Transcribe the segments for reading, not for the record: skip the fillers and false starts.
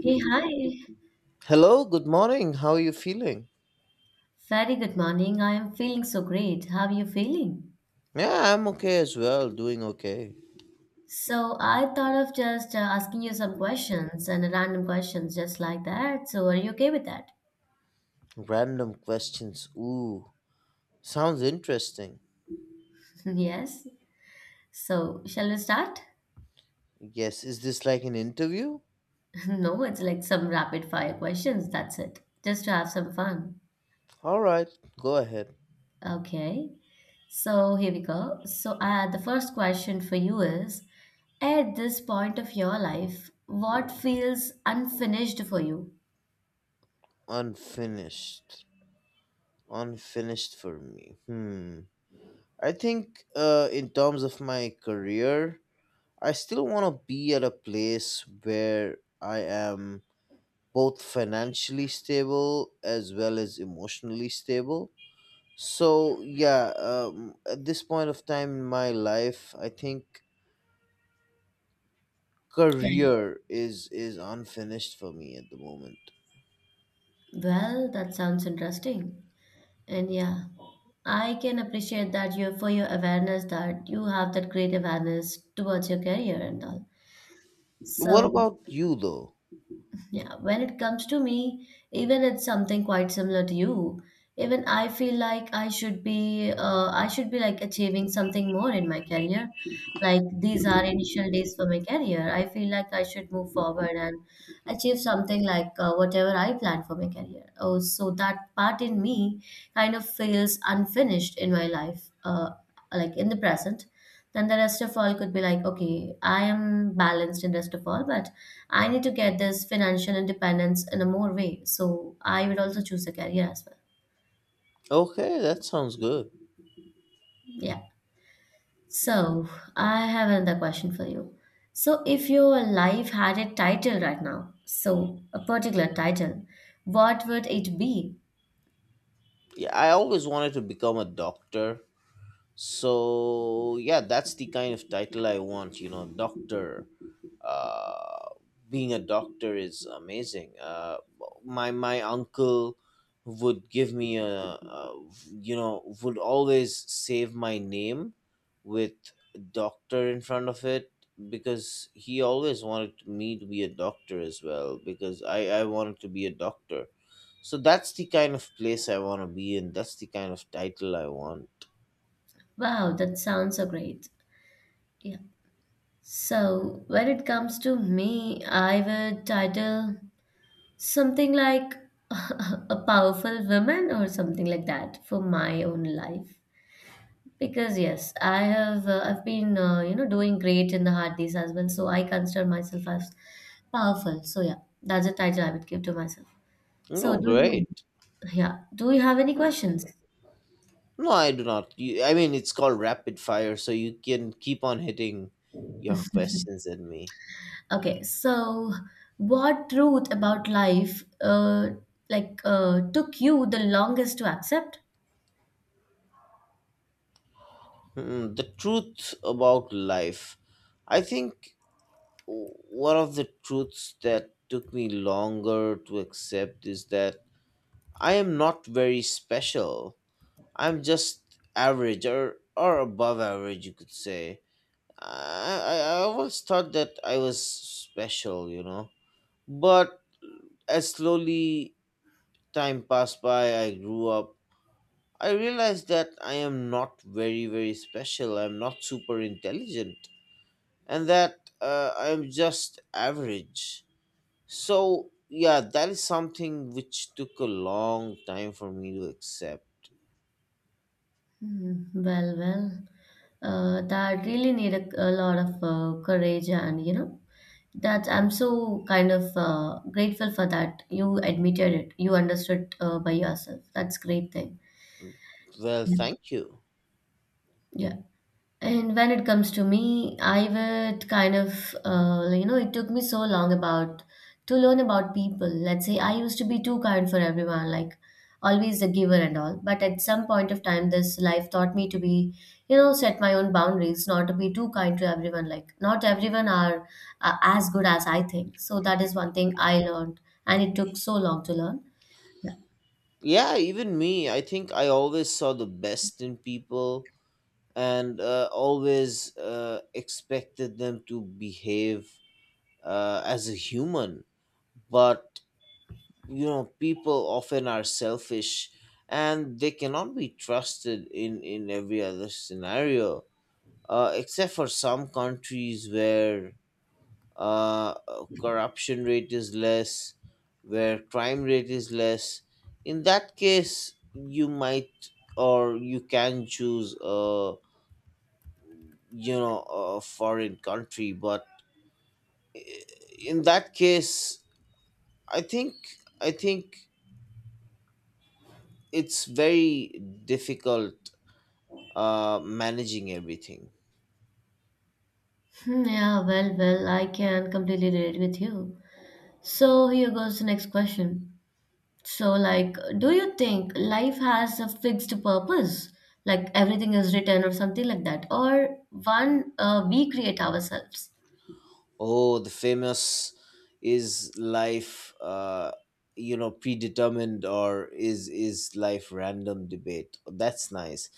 Hey, hi. Hello, good morning. How are you feeling? Very good morning. I am feeling so great. How are you feeling? Yeah, I'm okay as well, doing okay. So, I thought of just asking you some questions and random questions just like that. So, are you okay with that? Random questions. Ooh, sounds interesting. Yes. So, shall we start? Yes, is this like an interview? No, it's like some rapid fire questions. That's it. Just to have some fun. All right, go ahead. Okay. So, here we go. So, the first question for you is, at this point of your life, what feels unfinished for you? Unfinished. Unfinished for me. Hmm. I think in terms of my career, I still want to be at a place where I am both financially stable as well as emotionally stable. So yeah, at this point of time in my life, I think Can career is unfinished for me at the moment. Well, that sounds interesting. And yeah, I can appreciate that you, for your awareness, that you have that great awareness towards your career and all. What So about you though? yeah, when it comes to me, even it's something quite similar to you. Even I feel like I should be like achieving something more in my career. Like these are initial days for my career. I feel like I should move forward and achieve something like whatever I plan for my career. Oh, so that part in me kind of feels unfinished in my life, like in the present. Then the rest of all could be like, okay, I am balanced in rest of all, but I need to get this financial independence in a more way. So I would also choose a career as well. Okay, that sounds good. Yeah. So I have another question for you. So if your life had a title right now, so a particular title, what would it be? Yeah, I always wanted to become a doctor. So yeah, that's the kind of title I want. You know, doctor. Uh, Being a doctor is amazing. My uncle would give me a would always save my name with doctor in front of it because he always wanted me to be a doctor as well because I wanted to be a doctor. So that's the kind of place I want to be in. That's the kind of title I want. Wow, that sounds so great. Yeah. So when it comes to me, I would title something like a powerful woman or something like that for my own life. Because yes, I've been doing great in the hard days as well, so I consider myself as powerful. So yeah, that's a title I would give to myself. So No, do you? great. Yeah, do you have any questions? No, I do not. You, I mean, it's called rapid fire, so you can keep on hitting your questions at me. Okay, so what truth about life, like, took you the longest to accept? Hmm, the truth about life. I think one of the truths that took me longer to accept is that I am not very special. I'm just average or above average, you could say. I always thought that I was special, you know. But as slowly time passed by, I grew up. I realized that I am not very special. I'm not super intelligent. And that I'm just average. So, yeah, that is something which took a long time for me to accept. Hmm. Well, that really need a lot of courage, and that I'm so kind of grateful for that. You admitted it, you understood by yourself. That's great thing. Well, Yeah. thank you. Yeah. And when it comes to me, I would kind of, like, it took me so long about to learn about people. Let's say I used to be too kind for everyone, like always a giver and all. But at some point of time, this life taught me to be, set my own boundaries, not to be too kind to everyone. Like not everyone are as good as I think. So that is one thing I learned, and it took so long to learn. Yeah, even me. I think I always saw the best in people and always expected them to behave as a human. But you know people often are selfish and they cannot be trusted in every other scenario, except for some countries where uh, corruption rate is less, where crime rate is less. In that case you might, or you can choose a, you know, a foreign country, but eh, in that case i think I think it's very difficult managing everything. Hmm, yeah, well, I can completely relate with you. So here goes the next question. So, like, do you think life has a fixed purpose? Like everything is written or something like that? Or one we create ourselves? Oh, the famous is life, you know, predetermined or is life random debate. That's nice.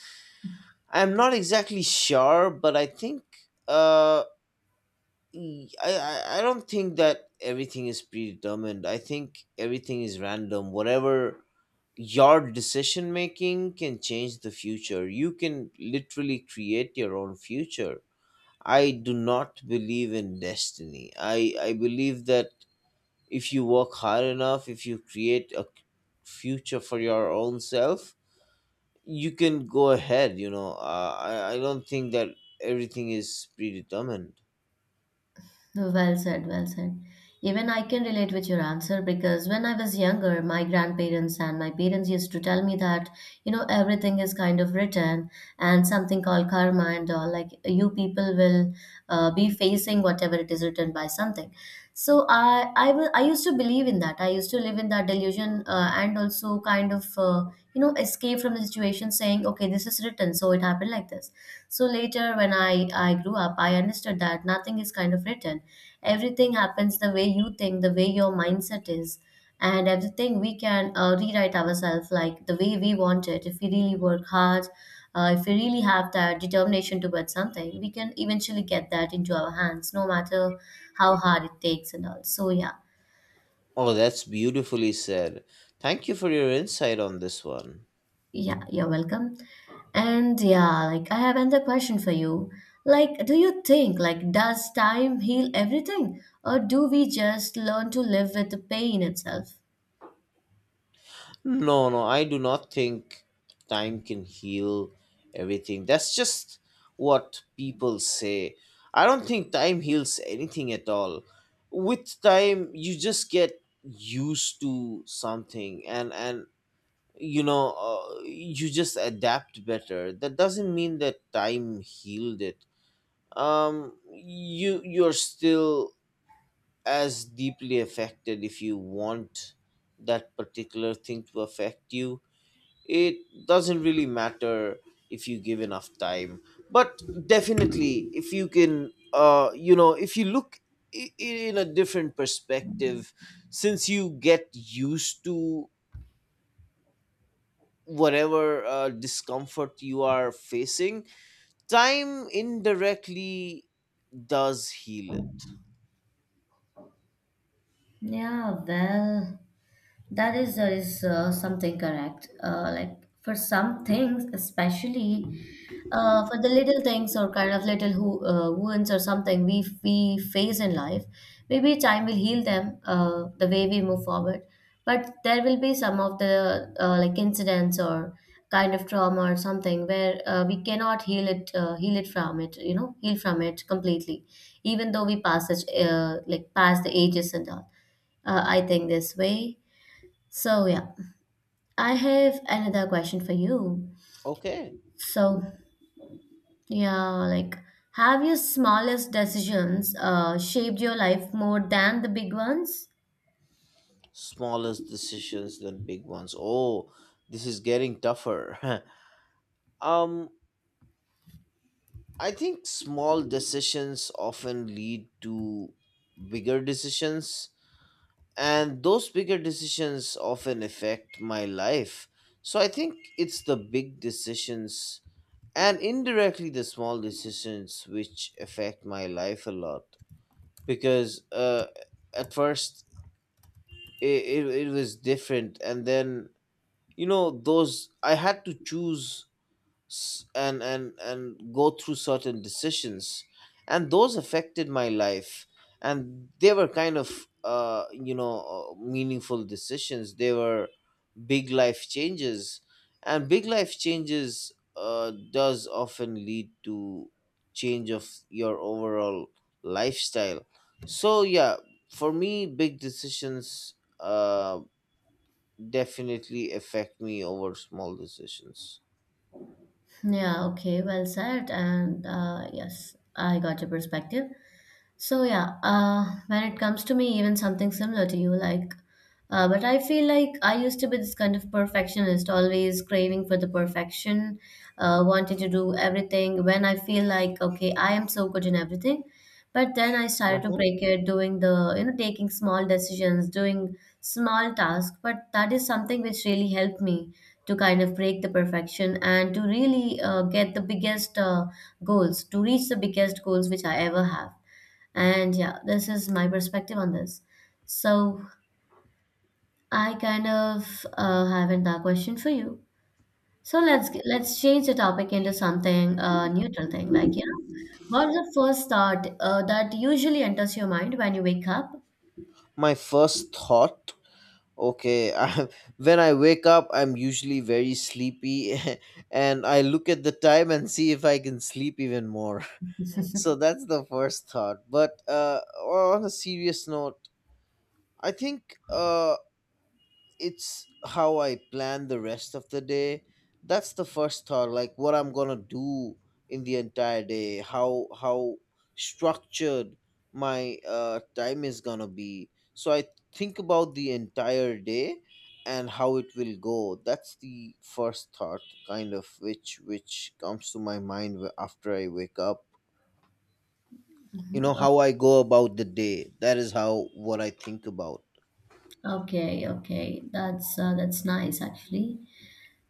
I'm not exactly sure, but I think, uh, I don't think that everything is predetermined. I think everything is random. Whatever, your decision making can change the future. You can literally create your own future. I do not believe in destiny. I believe that if you work hard enough, if you create a future for your own self, you can go ahead. You know, I don't think that everything is predetermined. Well said, well said. Even I can relate with your answer because when I was younger, my grandparents and my parents used to tell me that, everything is kind of written and something called karma and all. Like you people will be facing whatever it is written by something. So I used to believe in that. I used to live in that delusion, and also kind of escape from the situation saying, okay, this is written, so it happened like this. So later, when I grew up, I understood that nothing is kind of written. Everything happens the way you think, the way your mindset is, and everything we can rewrite ourselves, like the way we want it. If we really work hard, if we really have that determination towards something, we can eventually get that into our hands, no matter how hard it takes and all. So yeah. Oh, that's beautifully said. Thank you for your insight on this one. Yeah, you're welcome. And yeah, like I have another question for you. Like, do you think, like, does time heal everything, or do we just learn to live with the pain itself? No, no, I do not think time can heal everything. That's just what people say. I don't think time heals anything at all. With time, you just get used to something, and you know, you just adapt better. That doesn't mean that time healed it. You you're still as deeply affected. If you want that particular thing to affect you, it doesn't really matter if you give enough time. But definitely, if you can, if you look in a different perspective, since you get used to whatever discomfort you are facing, time indirectly does heal it. Yeah, well. That is something correct. Like for some things, especially for the little things or kind of little wounds or something we face in life, maybe time will heal them, the way we move forward. But there will be some of the like incidents or kind of trauma or something where we cannot heal it heal it from it you know heal from it completely, even though we pass it, like past the ages and all. I think this way. So, yeah, I have another question for you. Okay, So, yeah, like, have your smallest decisions shaped your life more than the big ones? smallest decisions than big ones. Oh, this is getting tougher. um I think small decisions often lead to bigger decisions, and those bigger decisions often affect my life. So I think it's the big decisions and indirectly the small decisions which affect my life a lot because, at first, it was different, and then, you know, those I had to choose and go through certain decisions, and those affected my life, and they were kind of, meaningful decisions. They were big life changes, and big life changes does often lead to change of your overall lifestyle. So yeah, for me, big decisions uh definitely affect me over small decisions. Yeah, okay, well said. And yes, I got your perspective. So yeah, when it comes to me, even something similar to you, like, but I feel like I used to be this kind of perfectionist, always craving for the perfection, wanting to do everything. When I feel like, okay, I am so good in everything, but then I started to break it, doing the, you know, taking small decisions, doing small tasks. But that is something which really helped me to kind of break the perfection and to really get the biggest goals, to reach the biggest goals which I ever have. And yeah, this is my perspective on this. So I kind of have another question for you. So let's change the topic into something neutral thing. Like, yeah, what's the first thought that usually enters your mind when you wake up? My first thought, okay, I, when I wake up, I'm usually very sleepy and I look at the time and see if I can sleep even more. So that's the first thought. But on a serious note, I think, it's how I plan the rest of the day. That's the first thought, like what I'm gonna do in the entire day, how structured my time is gonna be. So I think about the entire day and how it will go. That's the first thought, kind of which comes to my mind after I wake up. You know how I go about the day. That is how what I think about. Okay, okay, that's nice actually.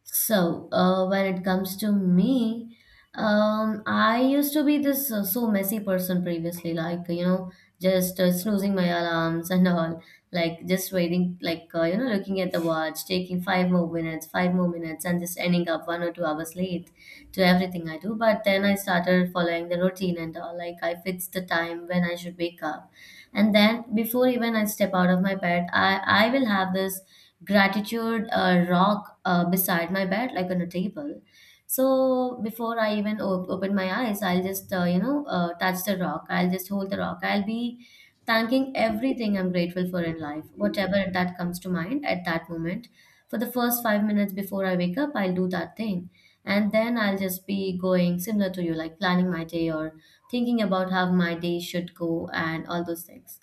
So, when it comes to me, I used to be this so messy person previously, like, just snoozing my alarms and all, like just waiting, like, looking at the watch, taking five more minutes, and just ending up 1 or 2 hours late to everything I do. But then I started following the routine and all, like, I fixed the time when I should wake up. And then before even I step out of my bed, I will have this gratitude rock beside my bed, like on a table. So before I even open my eyes, I'll just touch the rock, I'll just hold the rock, I'll be thanking everything I'm grateful for in life, whatever that comes to mind at that moment. For the first 5 minutes before I wake up, I'll do that thing. And then I'll just be going similar to you, like planning my day or thinking about how my day should go and all those things.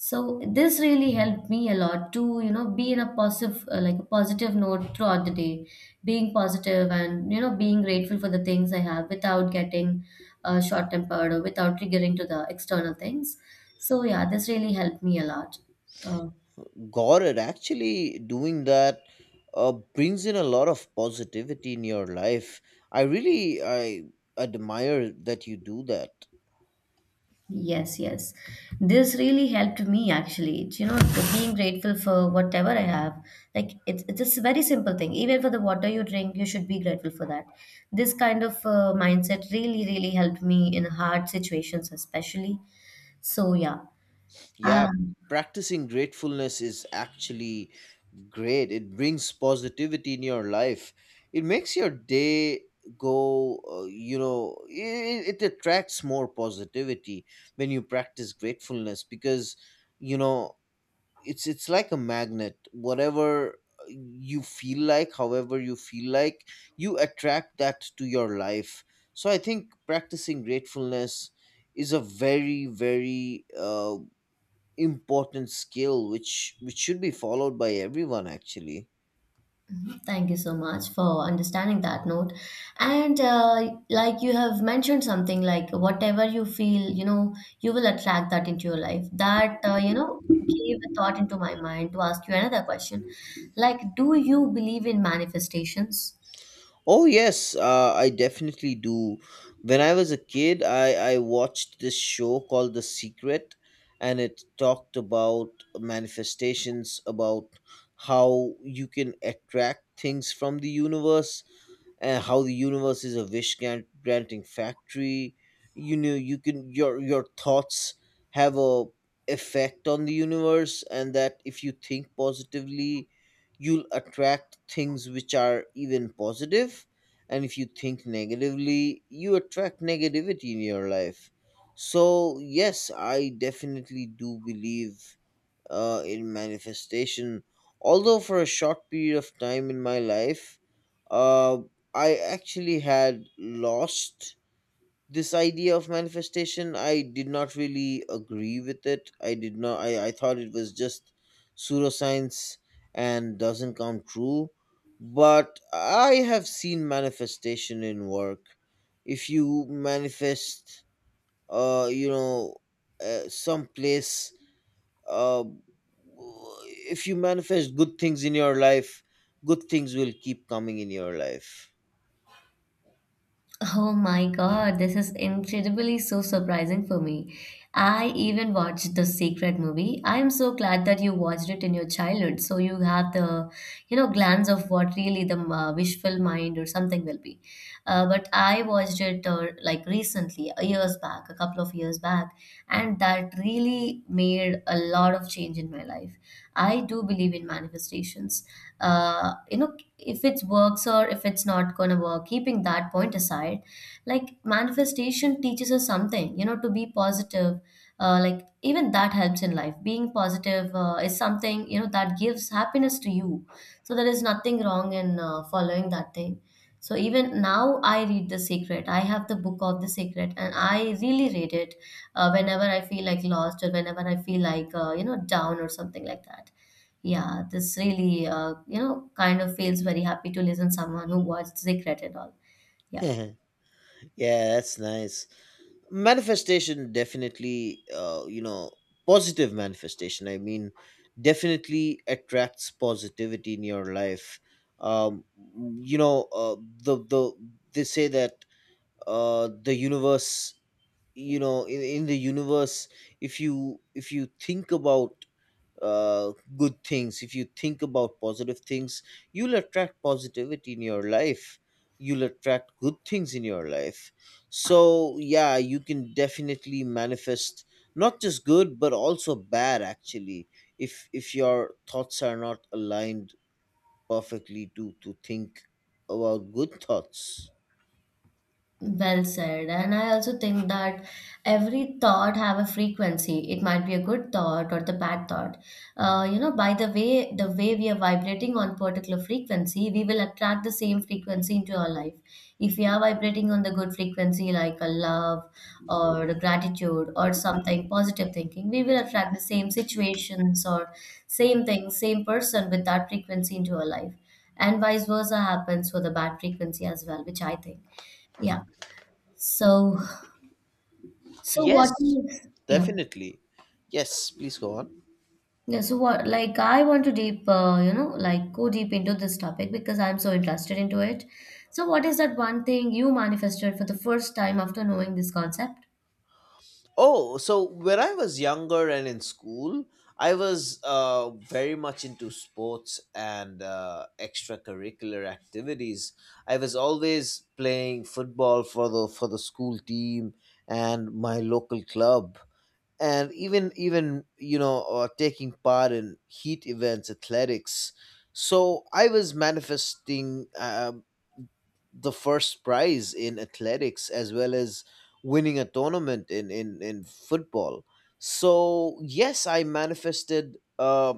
So this really helped me a lot to, be in a positive, like a positive note throughout the day, being positive and, being grateful for the things I have without getting short-tempered or without triggering to the external things. So yeah, this really helped me a lot. Um, Gored, actually doing that brings in a lot of positivity in your life. I admire that you do that. Yes, yes. This really helped me actually. The being grateful for whatever I have. Like it's just a very simple thing. Even for the water you drink, you should be grateful for that. This kind of mindset really, really helped me in hard situations, especially. So yeah. Yeah, Um, practicing gratefulness is actually great. It brings positivity in your life. It makes your day go, you know, it attracts more positivity when you practice gratefulness because, you know, it's like a magnet. Whatever you feel like, however you feel like, you attract that to your life. So I think practicing gratefulness is a very important skill which should be followed by everyone actually. Thank you so much for understanding that note. And like you have mentioned something, like whatever you feel, you will attract that into your life. That gave a thought into my mind to ask you another question. Like, do you believe in manifestations? Oh yes, I definitely do. When I was a kid, I watched this show called The Secret, and it talked about manifestations, about how you can attract things from the universe, and how the universe is a granting factory. You know, you can, your thoughts have a effect on the universe, and that if you think positively you'll attract things which are even positive, and if you think negatively you attract negativity in your life. So yes, I definitely do believe in manifestation. Although for a short period of time in my life, uh, I actually had lost this idea of manifestation. I did not really agree with it. I did not. I thought it was just pseudoscience and doesn't come true. But I have seen manifestation in work. If you manifest, uh, you know, some place, uh, if you manifest good things in your life, good things will keep coming in your life. Oh my God, this is incredibly so surprising for me. I even watched the Secret movie. I am so glad that you watched it in your childhood, so you have the, glance of what really the wishful mind or something will be. But I watched it like recently, years back, a couple of years back, and that really made a lot of change in my life. I do believe in manifestations. Uh, you know, if it works or if it's not going to work, keeping that point aside, like, manifestation teaches us something, you know, to be positive. Like, even that helps in life, being positive is something, you know, that gives happiness to you. So there is nothing wrong in following that thing. So even now I read the Secret, I have the book of the Secret and I really read it whenever I feel like lost or whenever I feel like, you know, down or something like that. Yeah, this really, you know, kind of feels very happy to listen someone who watched Zikret and all. Yeah. Yeah, that's nice. Manifestation definitely, you know, positive manifestation. I mean, definitely attracts positivity in your life. Um, you know, the the they say that, the universe, you know, in the universe, if you think about good things, if you think about positive things, you'll attract positivity in your life, you'll attract good things in your life. So yeah, you can definitely manifest not just good but also bad actually, if your thoughts are not aligned perfectly to think about good thoughts. Well said. And I also think that every thought have a frequency. It might be a good thought or the bad thought. You know, by the way we are vibrating on particular frequency, we will attract the same frequency into our life. If we are vibrating on the good frequency, like a love or the gratitude or something positive thinking, we will attract the same situations or same thing, same person with that frequency into our life. And vice versa happens for the bad frequency as well, which I think. Yeah. So, so what Yes, is, yeah, definitely. Yes, please go on. yeah, so what, I want to deep, you know, like go deep into this topic because I'm so interested into it. So, what is that one thing you manifested for the first time after knowing this concept? Oh, so when I was younger and in school, I was very much into sports and extracurricular activities. I was always playing football for the school team and my local club, and even, taking part in heat events, athletics. So I was manifesting, the first prize in athletics as well as winning a tournament in football. So yes, I manifested,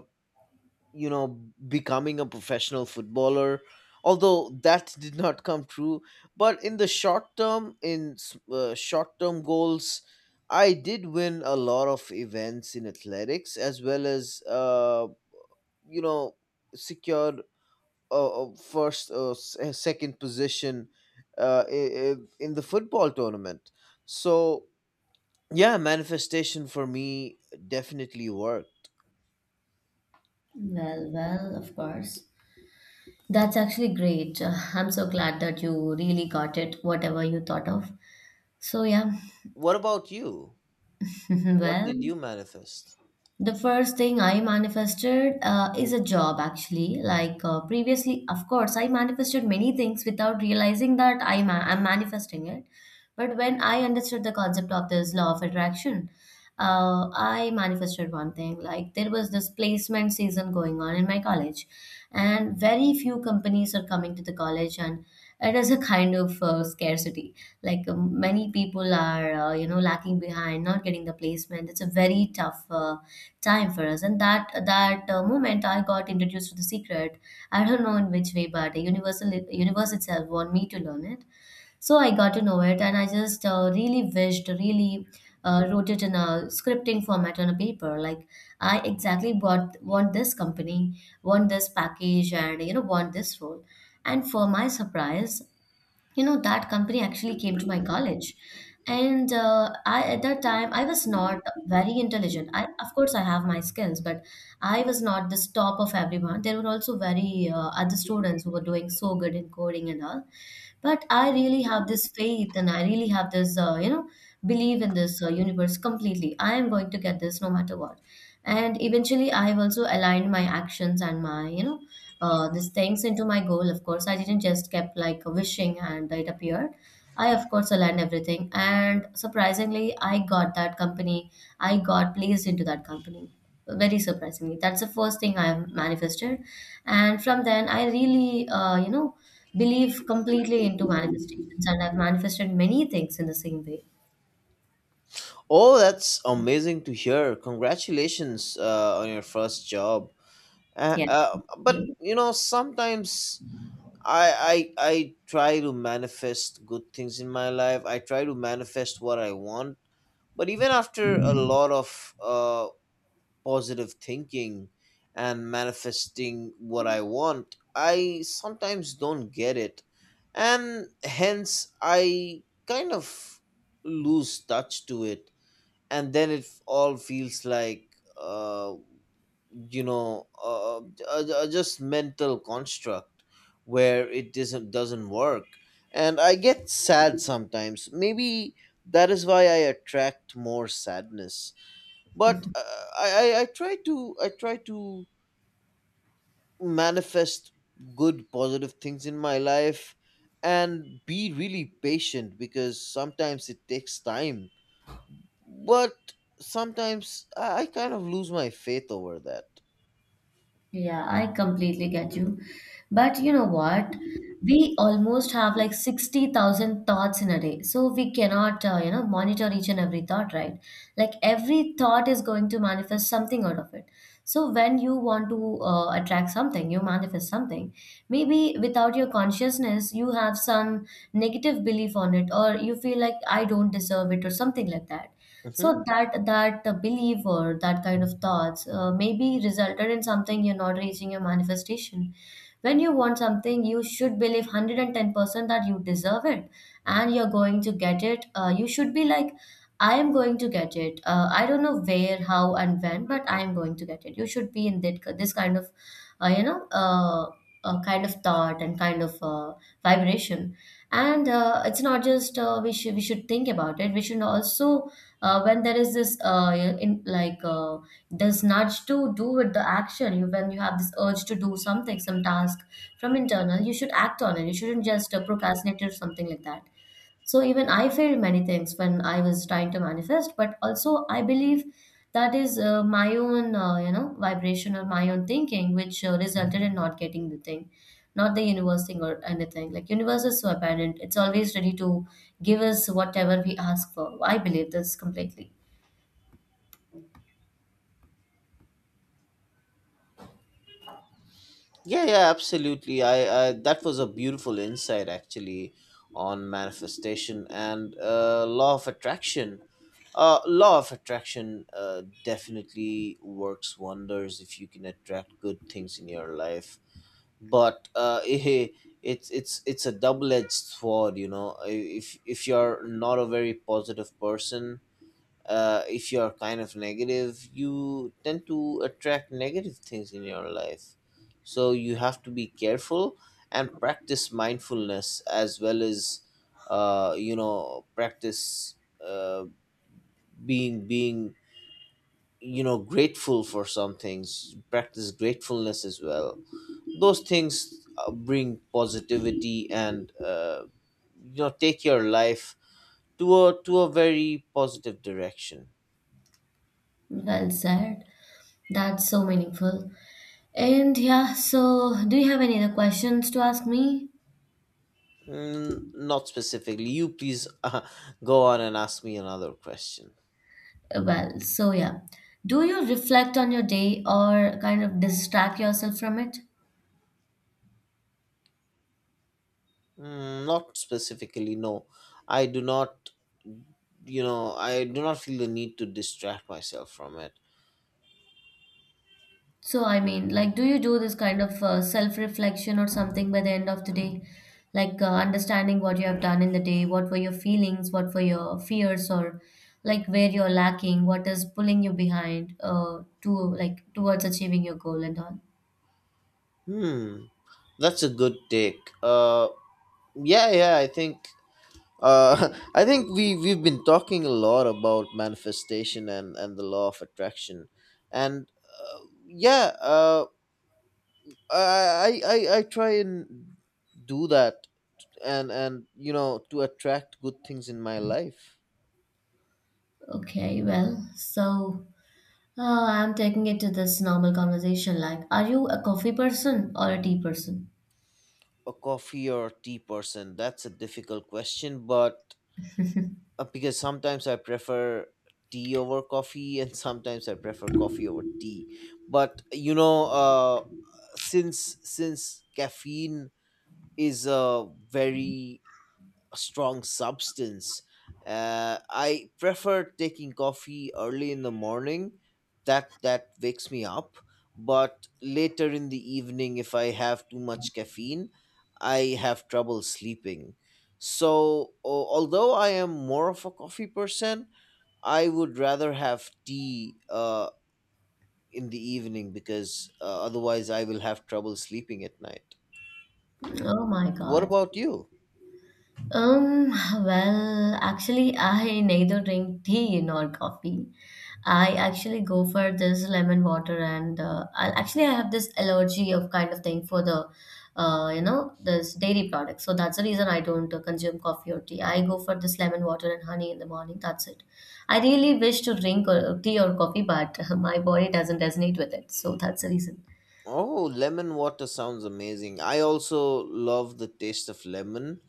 you know becoming a professional footballer, although that did not come true. But in the short term, short term goals, I did win a lot of events in athletics as well as, you know secured first second position in the football tournament. So yeah, manifestation for me definitely worked. Well, well, of course. That's actually great. I'm so glad that you really got it, whatever you thought of. So, yeah, What about you? What well, did you manifest? the first thing I manifested is a job actually. Like, previously, of course, I manifested many things without realizing that I'm manifesting it. But when I understood the concept of this law of attraction, I manifested one thing. Like, there was this placement season going on in my college, and very few companies are coming to the college, and it is a kind of scarcity. Like, many people are, you know, lacking behind, not getting the placement. It's a very tough. Time for us. And that moment, I got introduced to the Secret. I don't know in which way, but the universal universe itself want me to learn it. So I got to know it, and I just really wished, really wrote it in a scripting format on a paper. Like, I exactly want this company, want this package, and you know want this role. And for my surprise, you know that company actually came to my college and I at that time I was not very intelligent. I of course I have my skills, but I was not the top of everyone. There were also very other students who were doing so good in coding and all, but I really have this faith and I really have this, you know, believe in this universe completely. I am going to get this no matter what, and eventually I have also aligned my actions and my, you know, these things into my goal. Of course I didn't just kept like wishing and it appeared. I of course aligned everything and surprisingly I got that company. I got placed into that company very surprisingly. That's the first thing I have manifested, and from then I really, you know, believe completely into manifestations, and I've manifested many things in the same way. Oh, that's amazing to hear. Congratulations on your first job. Yeah, But yeah. you know, sometimes I try to manifest good things in my life. I try to manifest what I want. But even after a lot of, positive thinking and manifesting what I want, I sometimes don't get it, and hence I kind of lose touch to it, and then it all feels like, uh, you know uh, a, just mental construct where it doesn't work. And I get sad sometimes. Maybe that is why I attract more sadness. But I, I try to manifest good positive things in my life and be really patient because sometimes it takes time. But sometimes I kind of lose my faith over that. Yeah, I completely get you. But you know what? We almost have like 60,000 thoughts in a day. So we cannot, you know, monitor each and every thought, right? Like every thought is going to manifest something out of it. So when you want to attract something, you manifest something. Maybe without your consciousness, you have some negative belief on it, or you feel like I don't deserve it, or something like that. Hmm. So that belief or that kind of thoughts maybe resulted in something you're not reaching your manifestation. When you want something, you should believe 110% that you deserve it and you're going to get it. You should be like, I am going to get it. I don't know where, how, and when, but I am going to get it. You should be in this kind of, uh, you know, uh, kind of thought and kind of vibration. And it's not just we should think about it. We should also when there is this in, like this nudge to do with the action you, when you have this urge to do something some task from internal, you should act on it. You shouldn't just procrastinate or something like that. So even I failed many things when I was trying to manifest, but also I believe that is my own, you know, vibration or my own thinking, which resulted in not getting the thing, not the universe thing or anything. Like, universe is so apparent; it's always ready to give us whatever we ask for. I believe this completely. Yeah, yeah, absolutely. I that was a beautiful insight actually on manifestation and, law of attraction. Law of attraction definitely works wonders if you can attract good things in your life. But it's it's a double edged sword, you know. If you're not a very positive person, if you're kind of negative, you tend to attract negative things in your life. So you have to be careful and practice mindfulness as well as, you know, practice, uh, being, you know, grateful for some things. Practice gratefulness as well. Those things bring positivity and, you know, take your life to a very positive direction. Well said. That's so meaningful. And yeah, so do you have any other questions to ask me? Mm, not specifically. You please, go on and ask me another question. Well, so yeah. Do you reflect on your day or kind of distract yourself from it? Mm, not specifically, no. I do not, you know, I do not feel the need to distract myself from it. So, I mean, like, do you do this kind of self-reflection or something by the end of the day? Like, understanding what you have done in the day, what were your feelings, what were your fears, or like where you're lacking, what is pulling you behind, to like towards achieving your goal and all. Hmm, that's a good take. Yeah, yeah. I think, I think we we've been talking a lot about manifestation and the law of attraction, and yeah. I try and do that, and you know, to attract good things in my life. Okay, well, so I'm taking it to this normal conversation. Like, are you a coffee person or a tea person? A coffee or a tea person, that's a difficult question, but because sometimes I prefer tea over coffee and sometimes I prefer coffee over tea. But you know, since caffeine is a very a strong substance. I prefer taking coffee early in the morning. That wakes me up. But later in the evening, if I have too much caffeine, I have trouble sleeping. So, although I am more of a coffee person, I would rather have tea in the evening because, otherwise I will have trouble sleeping at night. Oh my What God. about you? Um, well, actually, I neither drink tea nor coffee. I actually go for this lemon water, and I have this allergy of kind of thing for the, you know, this dairy products. So that's the reason I don't consume coffee or tea. I go for this lemon water and honey in the morning. That's it. I really wish to drink tea or coffee, but my body doesn't resonate with it. So that's the reason. Oh, lemon water sounds amazing. I also love the taste of lemon,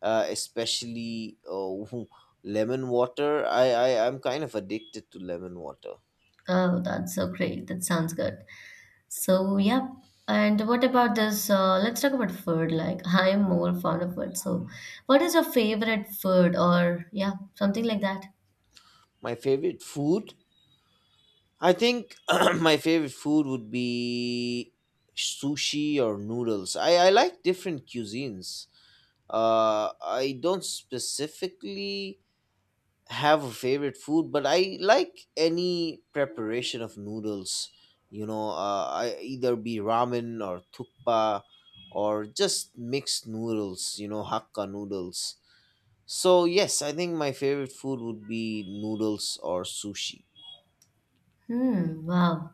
especially, oh, lemon water. I'm kind of addicted to lemon water. Oh, that's so great. That sounds good. So, yep. And what about this? Let's talk about food. Like, I'm more fond of food. So, what is your favorite food, or yeah, something like that? My favorite food? I think my favorite food would be sushi or noodles. I like different cuisines. I don't specifically have a favorite food, but I like any preparation of noodles. You know, I either be ramen or tukpa, or just mixed noodles, you know, hakka noodles. So, yes, I think my favorite food would be noodles or sushi. Hmm, wow.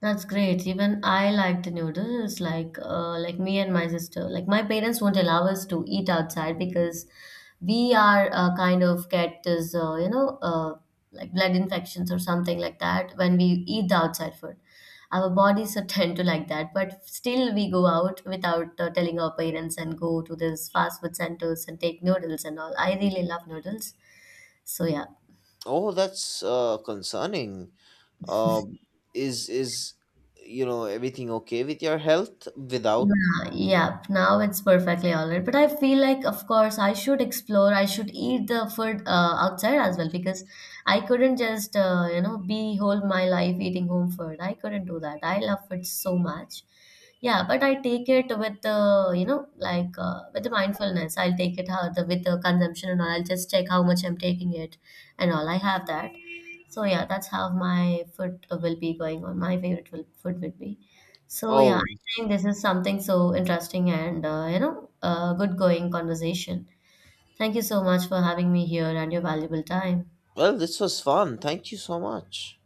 That's great. Even I like the noodles. Like me and my sister. Like, my parents won't allow us to eat outside because we are kind of get this, like blood infections or something like that when we eat the outside food. Our bodies are tend to like that, but still we go out without telling our parents and go to these fast food centers and take noodles and all. I really love noodles. So yeah. Oh, that's concerning. Um, is you know, everything okay with your health without? Yeah, yeah, now it's perfectly all right. But I feel like, of course, I should explore. I should eat the food outside as well because I couldn't just, you know, be whole my life eating home food. I couldn't do that. I love food so much. Yeah, but I take it with the, you know, like, with the mindfulness. I'll take it how the with the consumption and all. I'll just check how much I'm taking it and all. I have that. So yeah, that's how my food will be going on. My favorite will, food would be. So yeah, Oh, think this is something so interesting and, good going conversation. Thank you so much for having me here and your valuable time. well, this was fun. Thank you so much.